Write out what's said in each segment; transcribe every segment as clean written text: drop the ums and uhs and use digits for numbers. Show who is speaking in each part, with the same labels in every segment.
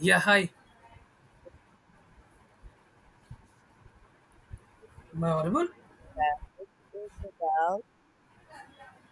Speaker 1: Yeah, hi. Am I audible?
Speaker 2: It's about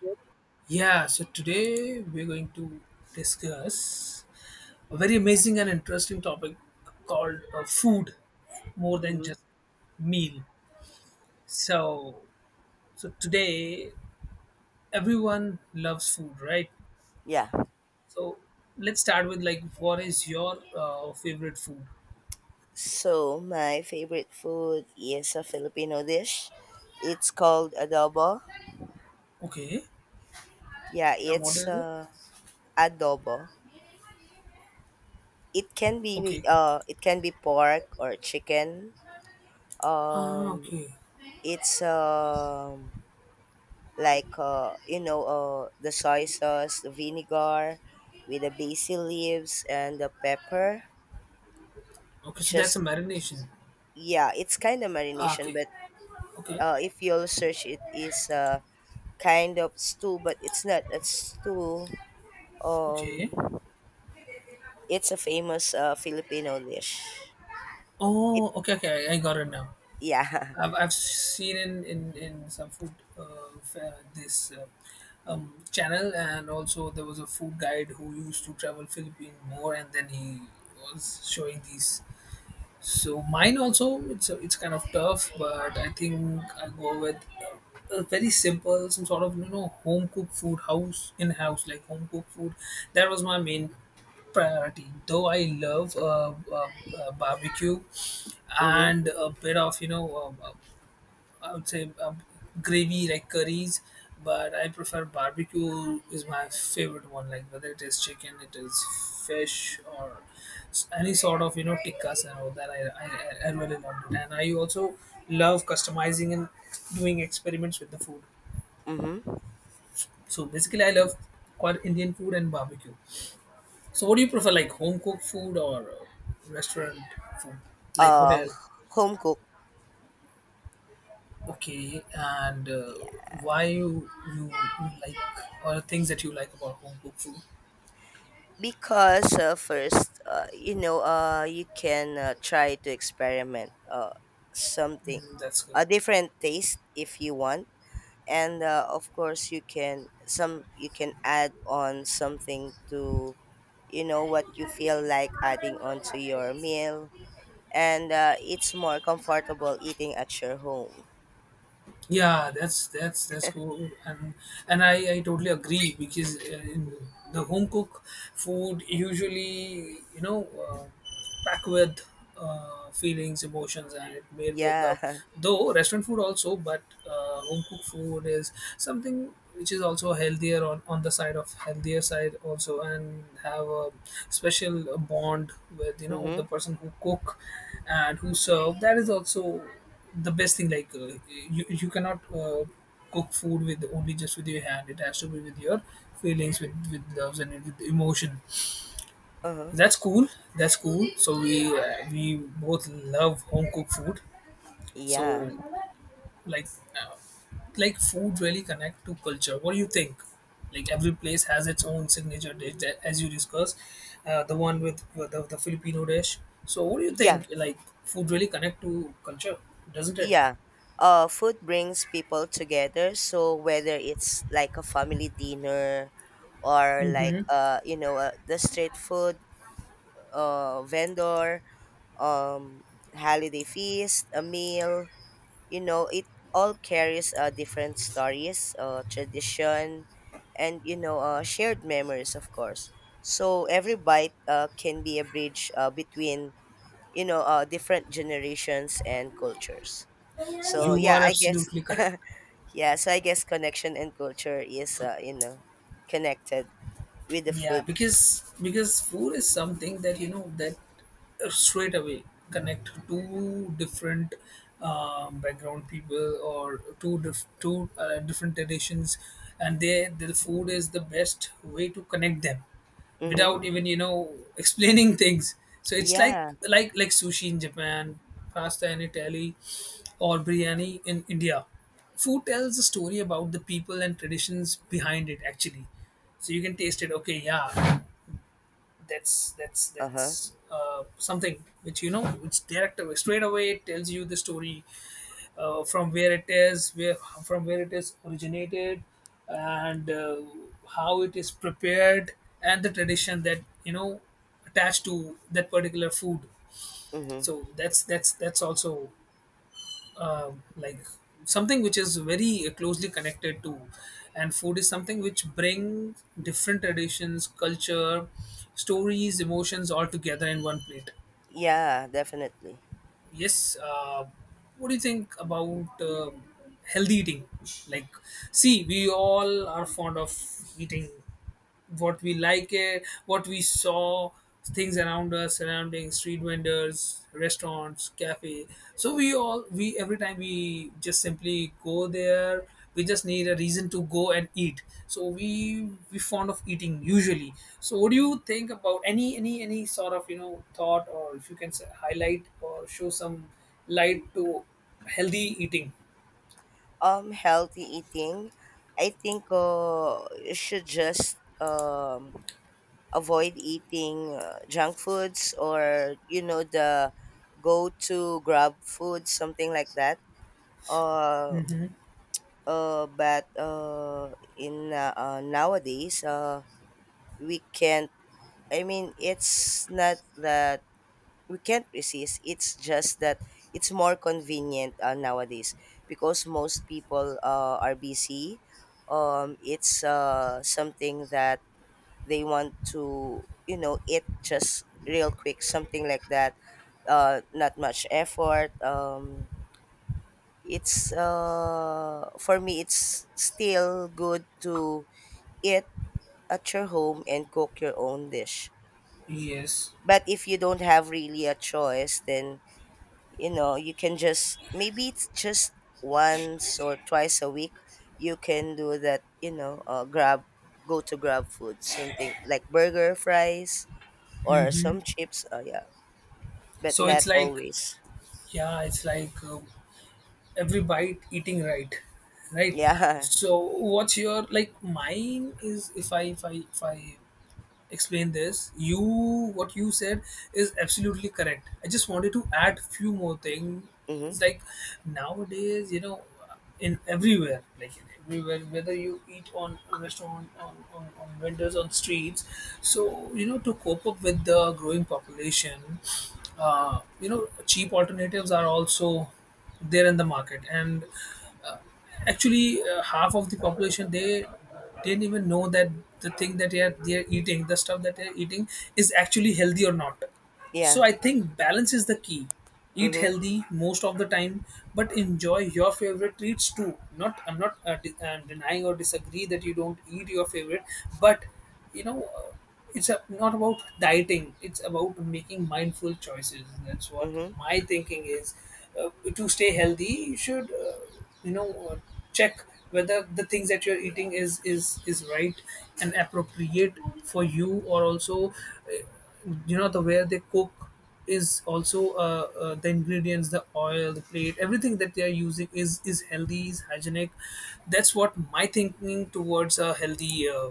Speaker 2: food.
Speaker 1: Yeah, so today we're going to discuss a very amazing and interesting topic called food more than
Speaker 2: Hmm.
Speaker 1: just meal. So, so, today everyone loves food, right?
Speaker 2: Yeah.
Speaker 1: So, let's start with like what is your favorite food?
Speaker 2: So my favorite food is a Filipino dish. It's called adobo.
Speaker 1: Okay.
Speaker 2: Yeah,
Speaker 1: Yeah, what
Speaker 2: it's
Speaker 1: is it?
Speaker 2: adobo.
Speaker 1: Okay.
Speaker 2: It can be pork or chicken.
Speaker 1: Ah,
Speaker 2: Um,
Speaker 1: okay.
Speaker 2: it's like the soy sauce, the vinegar, with the basil leaves and the pepper.
Speaker 1: Okay, so that's a
Speaker 2: Just
Speaker 1: marination.
Speaker 2: yeah, it's kind of
Speaker 1: Ah,
Speaker 2: marination.
Speaker 1: okay.
Speaker 2: But
Speaker 1: Okay.
Speaker 2: if you'll search, it is a kind of stew, but it's not a stew.
Speaker 1: Okay.
Speaker 2: um it's a famous Filipino dish it
Speaker 1: Oh, okay, okay. I got it now.
Speaker 2: yeah
Speaker 1: I've seen in some food this channel, and also there was a food guide who used to travel Philippine more, and then he was showing these. So mine also, it's kind of tough, but I think I go with a very simple, some sort of home cooked food, house in house like home cooked food. That was my main priority. Though I love barbecue,
Speaker 2: Mm-hmm.
Speaker 1: and a bit of I would say gravy like curries, but I prefer barbecue is my favorite one. Like whether it is chicken, it is fish, or any sort of tikkas and all that. I really love it, and I also love customizing and doing experiments with the food.
Speaker 2: Mm-hmm.
Speaker 1: So basically, I love quite Indian food and barbecue. So what do you prefer, like home cooked food or restaurant food, like
Speaker 2: uh
Speaker 1: hotel?
Speaker 2: Home cook.
Speaker 1: Okay, and why you you like or the things that you like about home cooked food?
Speaker 2: Because first, you can try to experiment something,
Speaker 1: Mm, that's good.
Speaker 2: a different taste if you want. And of course you can some you can add on something to, you know, what you feel like adding onto your meal. And it's more comfortable eating at your home.
Speaker 1: Yeah, that's cool, and I totally agree because in the home cook food usually packed with feelings, emotions, and it made with love.
Speaker 2: Yeah.
Speaker 1: Though restaurant food also, but home cooked food is something which is also healthier on the side of healthier side also, and have a special bond with the
Speaker 2: Mm-hmm.
Speaker 1: person who cook and who serve. That is also the best thing like you cannot cook food with only just with your hand. It has to be with your feelings, with loves and with emotion.
Speaker 2: Uh-huh.
Speaker 1: That's cool, that's cool. So we both love home cooked food.
Speaker 2: Yeah,
Speaker 1: So, like uh, food really connect to culture. What do you think? Like every place has its own signature dish that, as you discussed, the one with, the Filipino dish. So what do you
Speaker 2: yeah
Speaker 1: think, like food really connect to culture, doesn't it?
Speaker 2: yeah, food brings people together. So whether it's like a family dinner or like the street food vendor, um holiday feast, a meal, you know, it all carries different stories, tradition, and, you know, shared memories, of course. So every bite can be a bridge between, you know, different generations and cultures. So
Speaker 1: You
Speaker 2: yeah,
Speaker 1: are
Speaker 2: I guess.
Speaker 1: absolutely correct.
Speaker 2: Yeah, so I guess connection and culture is, you know, connected with the
Speaker 1: Yeah,
Speaker 2: food.
Speaker 1: because food is something that that straight away connect two different background people, or two dif- two different traditions, and the food is the best way to connect them without
Speaker 2: Mm-hmm.
Speaker 1: even explaining things. So it's like
Speaker 2: Yeah.
Speaker 1: like like sushi in Japan, pasta in Italy, or biryani in India. Food tells a story about the people and traditions behind it, actually, so you can taste it. Okay, yeah, that's that's
Speaker 2: Uh-huh.
Speaker 1: that's something which which direct away straight away it tells you the story, from where it is, originated, and how it is prepared, and the tradition that attached to that particular food.
Speaker 2: Mm-hmm.
Speaker 1: So that's that's also like something which is very closely connected to. And food is something which bring different traditions, culture, stories, emotions all together in one plate.
Speaker 2: Yeah, definitely.
Speaker 1: Yes. What do you think about healthy eating? Like, see, we all are fond of eating what we like, what we saw, things around us, surrounding street vendors, restaurants, cafe. So we all, we every time we just simply go there. We just need a reason to go and eat. So we fond of eating usually. So what do you think about any sort of thought, or if you can highlight or show some light to healthy eating?
Speaker 2: Healthy eating, I think you should just avoid eating junk foods, or you know, the go to grab food, something like that. Uh, but in Nowadays we can't. I mean, it's not that we can't resist. It's just that it's more convenient nowadays, because most people are busy. It's something that they want to, you know, eat just real quick, something like that. Not much effort. It's For me, it's still good to eat at your home and cook your own dish.
Speaker 1: Yes.
Speaker 2: But if you don't have really a choice, then you know, you can just maybe it's just once or twice a week you can do that, you know, grab go to grab food, something like burger fries or some chips. Oh yeah, but
Speaker 1: So it's
Speaker 2: not
Speaker 1: like,
Speaker 2: always.
Speaker 1: yeah, it's like every bite eating, right, right?
Speaker 2: Yeah.
Speaker 1: So what's your, like mine is, if I explain this, you what you said is absolutely correct. I just wanted to add few more things.
Speaker 2: Mm-hmm.
Speaker 1: It's like nowadays, in everywhere, whether you eat on a restaurant, on, on vendors, on streets. So to cope up with the growing population, cheap alternatives are also there in the market. And uh, actually, half of the population, they didn't even know that the stuff that they're eating is actually healthy or not.
Speaker 2: Yeah.
Speaker 1: So I think balance is the key. Eat
Speaker 2: Mm-hmm.
Speaker 1: healthy most of the time, but enjoy your favorite treats too. Not i'm not denying or disagree that you don't eat your favorite, but you know Uh, it's not about dieting. It's about making mindful choices. That's what
Speaker 2: Mm-hmm.
Speaker 1: my thinking is. Uh, to stay healthy, you should, you know, uh, check whether the things that you're eating is right and appropriate for you. Or also, the way they cook is also the ingredients, the oil, the plate, everything that they are using is healthy, is hygienic. That's what my thinking towards a healthy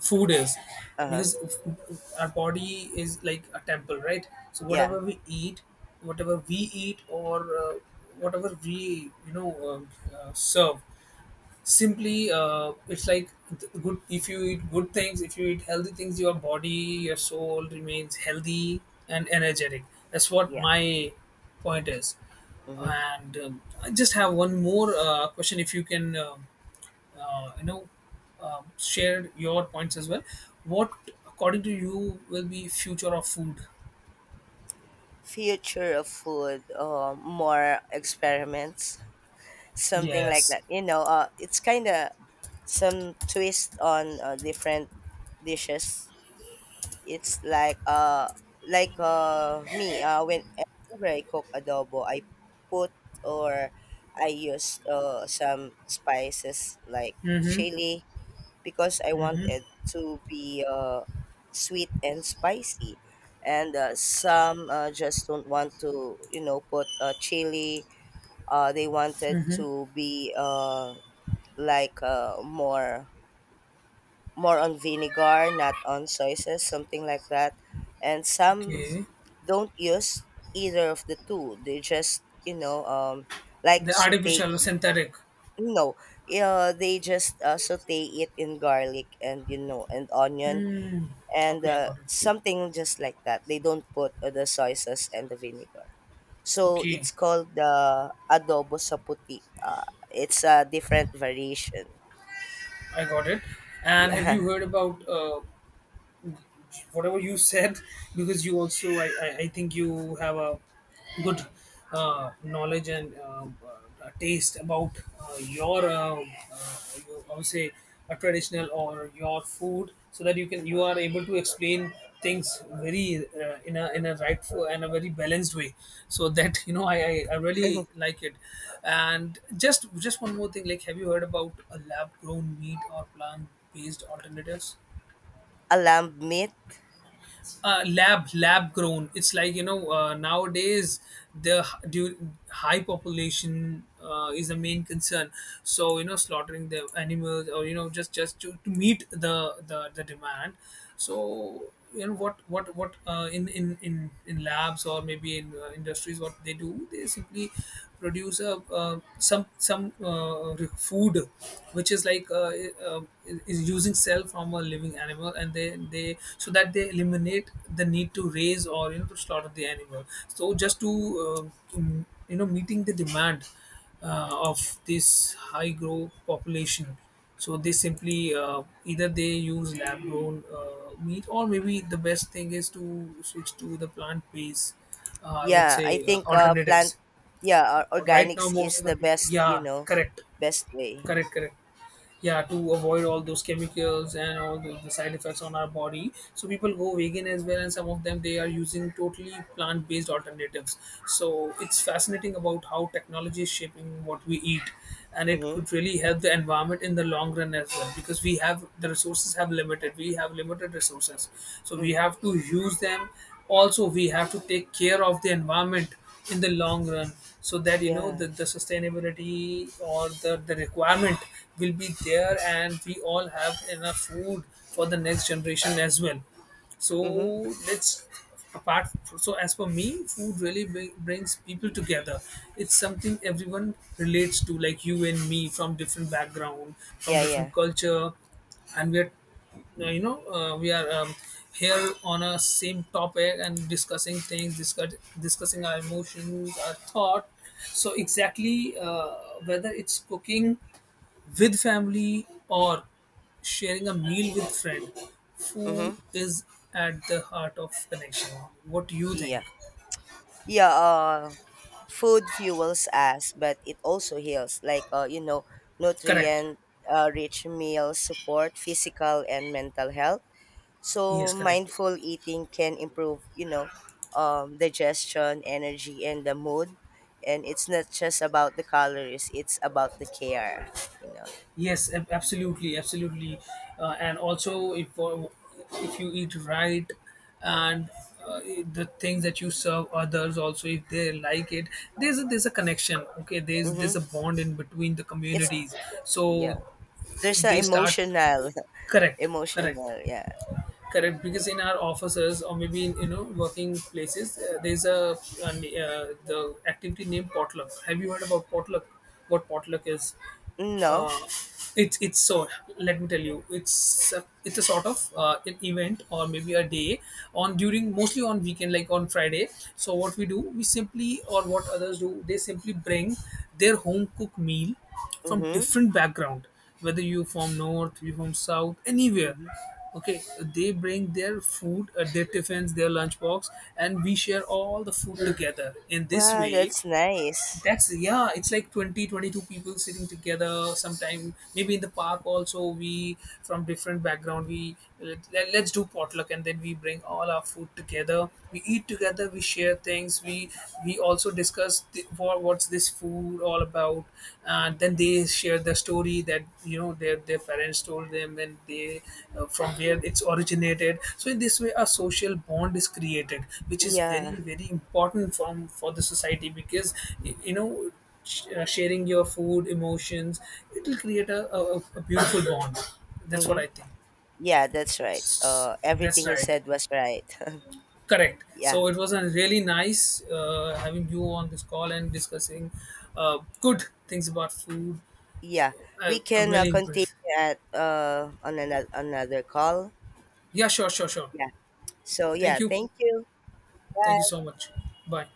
Speaker 1: food is.
Speaker 2: Uh-huh.
Speaker 1: Because our body is like a temple, right? So
Speaker 2: Yeah.
Speaker 1: whatever we eat, or whatever we serve, simply, it's like, good. If you eat good things, if you eat healthy things, your body, your soul remains healthy and energetic. That's what
Speaker 2: Yeah.
Speaker 1: my point is.
Speaker 2: Mm-hmm.
Speaker 1: And I just have one more question, if you can uh, you know share your points as well. What, according to you, will be future of food?
Speaker 2: Future of food, more experiments, something like
Speaker 1: Yes.
Speaker 2: that, you know. It's kind of some twist on different dishes. It's like me, whenever I cook adobo, I put or I use some spices like
Speaker 1: Mm-hmm.
Speaker 2: chili, because I want it
Speaker 1: Mm-hmm.
Speaker 2: to be sweet and spicy. And some just don't want to, you know, put chili. They wanted to be like uh more more on vinegar, not on soy sauce, something like that. And some
Speaker 1: Okay.
Speaker 2: don't use either of the two. They just, you know, like
Speaker 1: The
Speaker 2: saute.
Speaker 1: artificial synthetic.
Speaker 2: No, they just saute it in garlic and, you know, and onion
Speaker 1: Hmm.
Speaker 2: and
Speaker 1: Okay, I got it.
Speaker 2: something just like that. They don't put the soy sauce and the vinegar. So
Speaker 1: Okay,
Speaker 2: it's called the adobo sa puti. It's a different variation.
Speaker 1: I got it. And have you
Speaker 2: Yeah.
Speaker 1: heard about whatever you said, because you also, I think you have a good knowledge and taste about your I would say a traditional or your food, so that you are able to explain things very, in a rightful and a very balanced way, so that I really like it. And just one more thing: like have you heard about a lab grown meat or plant based alternatives?
Speaker 2: A lamb meat.
Speaker 1: Lab grown, it's like nowadays the high population is the main concern. So slaughtering the animals, or just to meet the demand. So what in, in labs, or maybe in industries, what they do, they simply produce a some food which is like, uh, is using cell from a living animal, and they so that they eliminate the need to raise, or to slaughter the animal. So just to meeting the demand of this high growth population. So they simply either they use lab grown meat, or maybe the best thing is to switch to the plant based, I would
Speaker 2: Yeah,
Speaker 1: say
Speaker 2: I think plant,
Speaker 1: alternatives.
Speaker 2: yeah, or-
Speaker 1: Right now
Speaker 2: organics
Speaker 1: most
Speaker 2: is
Speaker 1: of the
Speaker 2: the
Speaker 1: people,
Speaker 2: best, you
Speaker 1: yeah,
Speaker 2: know,
Speaker 1: correct.
Speaker 2: best way.
Speaker 1: Correct, correct. Yeah, to avoid all those chemicals and all the side effects on our body. So people go vegan as well, and some of them they are using totally plant-based alternatives. So it's fascinating about how technology is shaping what we eat, and it
Speaker 2: Mhm.
Speaker 1: could really help the environment in the long run as well, because we have limited resources. So we
Speaker 2: Mhm.
Speaker 1: have to use them. Also we have to take care of the environment in the long run, so that the,
Speaker 2: Yeah.
Speaker 1: sustainability or the, requirement will be there, and we all have enough food for the next generation as well. So
Speaker 2: Mhm.
Speaker 1: let's apart, so as for me, food really brings people together. It's something everyone relates to, like you and me, from different background, from
Speaker 2: Yeah,
Speaker 1: different
Speaker 2: yeah.
Speaker 1: culture. And we're you know we are here on a same topic and discussing things, discussing our emotions, our thought. So exactly, whether it's cooking with family or sharing a meal with friend, food
Speaker 2: Mhm.
Speaker 1: is at the heart of connection. What do you think?
Speaker 2: Yeah. Yeah, food fuels us, but it also heals. Like you know,
Speaker 1: Correct.
Speaker 2: nutrient rich meals support physical and mental health. So
Speaker 1: Yes, correct.
Speaker 2: mindful eating can improve, you know, digestion, energy, and the mood. And it's not just about the calories; it's about the care. You know.
Speaker 1: Yes, absolutely, and also if, if you eat right, and uh, the things that you serve others, also if they like it, there's a connection. Okay, there's a
Speaker 2: Mm-hmm.
Speaker 1: bond in between the
Speaker 2: It's
Speaker 1: communities. So
Speaker 2: yeah. There's an
Speaker 1: they start.
Speaker 2: emotional,
Speaker 1: Correct, correct,
Speaker 2: emotional. Yeah.
Speaker 1: correct. Because in our offices, or maybe in working places, there's a n- the activity named potluck. Have you heard about potluck, what potluck is?
Speaker 2: No.
Speaker 1: uh, it's, let me tell you, it's a sort of an event, or maybe a day, on during mostly on weekend, like on Friday. So what we do, we simply, or what others do, they simply bring their home cooked meal from
Speaker 2: Mm-hmm.
Speaker 1: different background, whether you from north, you from south, anywhere.
Speaker 2: Mm-hmm.
Speaker 1: Okay, they bring their food, their tiffins, their lunchbox, and we share all the food together. In this
Speaker 2: Wow,
Speaker 1: way,
Speaker 2: that's nice.
Speaker 1: that's, yeah, it's like 20, 22 people sitting together. Sometime maybe in the park also, we from different background, we let's do potluck, and then we bring all our food together. We eat together. We share things. We also discuss what's this food all about. And then they share the story that their parents told them, and they, from where it's originated. So in this way a social bond is created, which is very
Speaker 2: Yeah.
Speaker 1: very important from for the society. Because y- you know sharing your food, emotions, it will create a beautiful bond. That's what
Speaker 2: Mm-hmm.
Speaker 1: I think.
Speaker 2: Yeah, that's right.
Speaker 1: That's
Speaker 2: Everything you
Speaker 1: right.
Speaker 2: said was right.
Speaker 1: Correct.
Speaker 2: Yeah.
Speaker 1: So it was a really nice, having you on this call and discussing good things about food.
Speaker 2: Yeah.
Speaker 1: I,
Speaker 2: We
Speaker 1: I'm
Speaker 2: can
Speaker 1: really
Speaker 2: continue
Speaker 1: impressed.
Speaker 2: at on another call.
Speaker 1: Yeah, sure, sure, sure.
Speaker 2: Yeah. So
Speaker 1: Thank
Speaker 2: yeah,
Speaker 1: you.
Speaker 2: thank you.
Speaker 1: Thank you so
Speaker 2: Bye.
Speaker 1: much. Bye.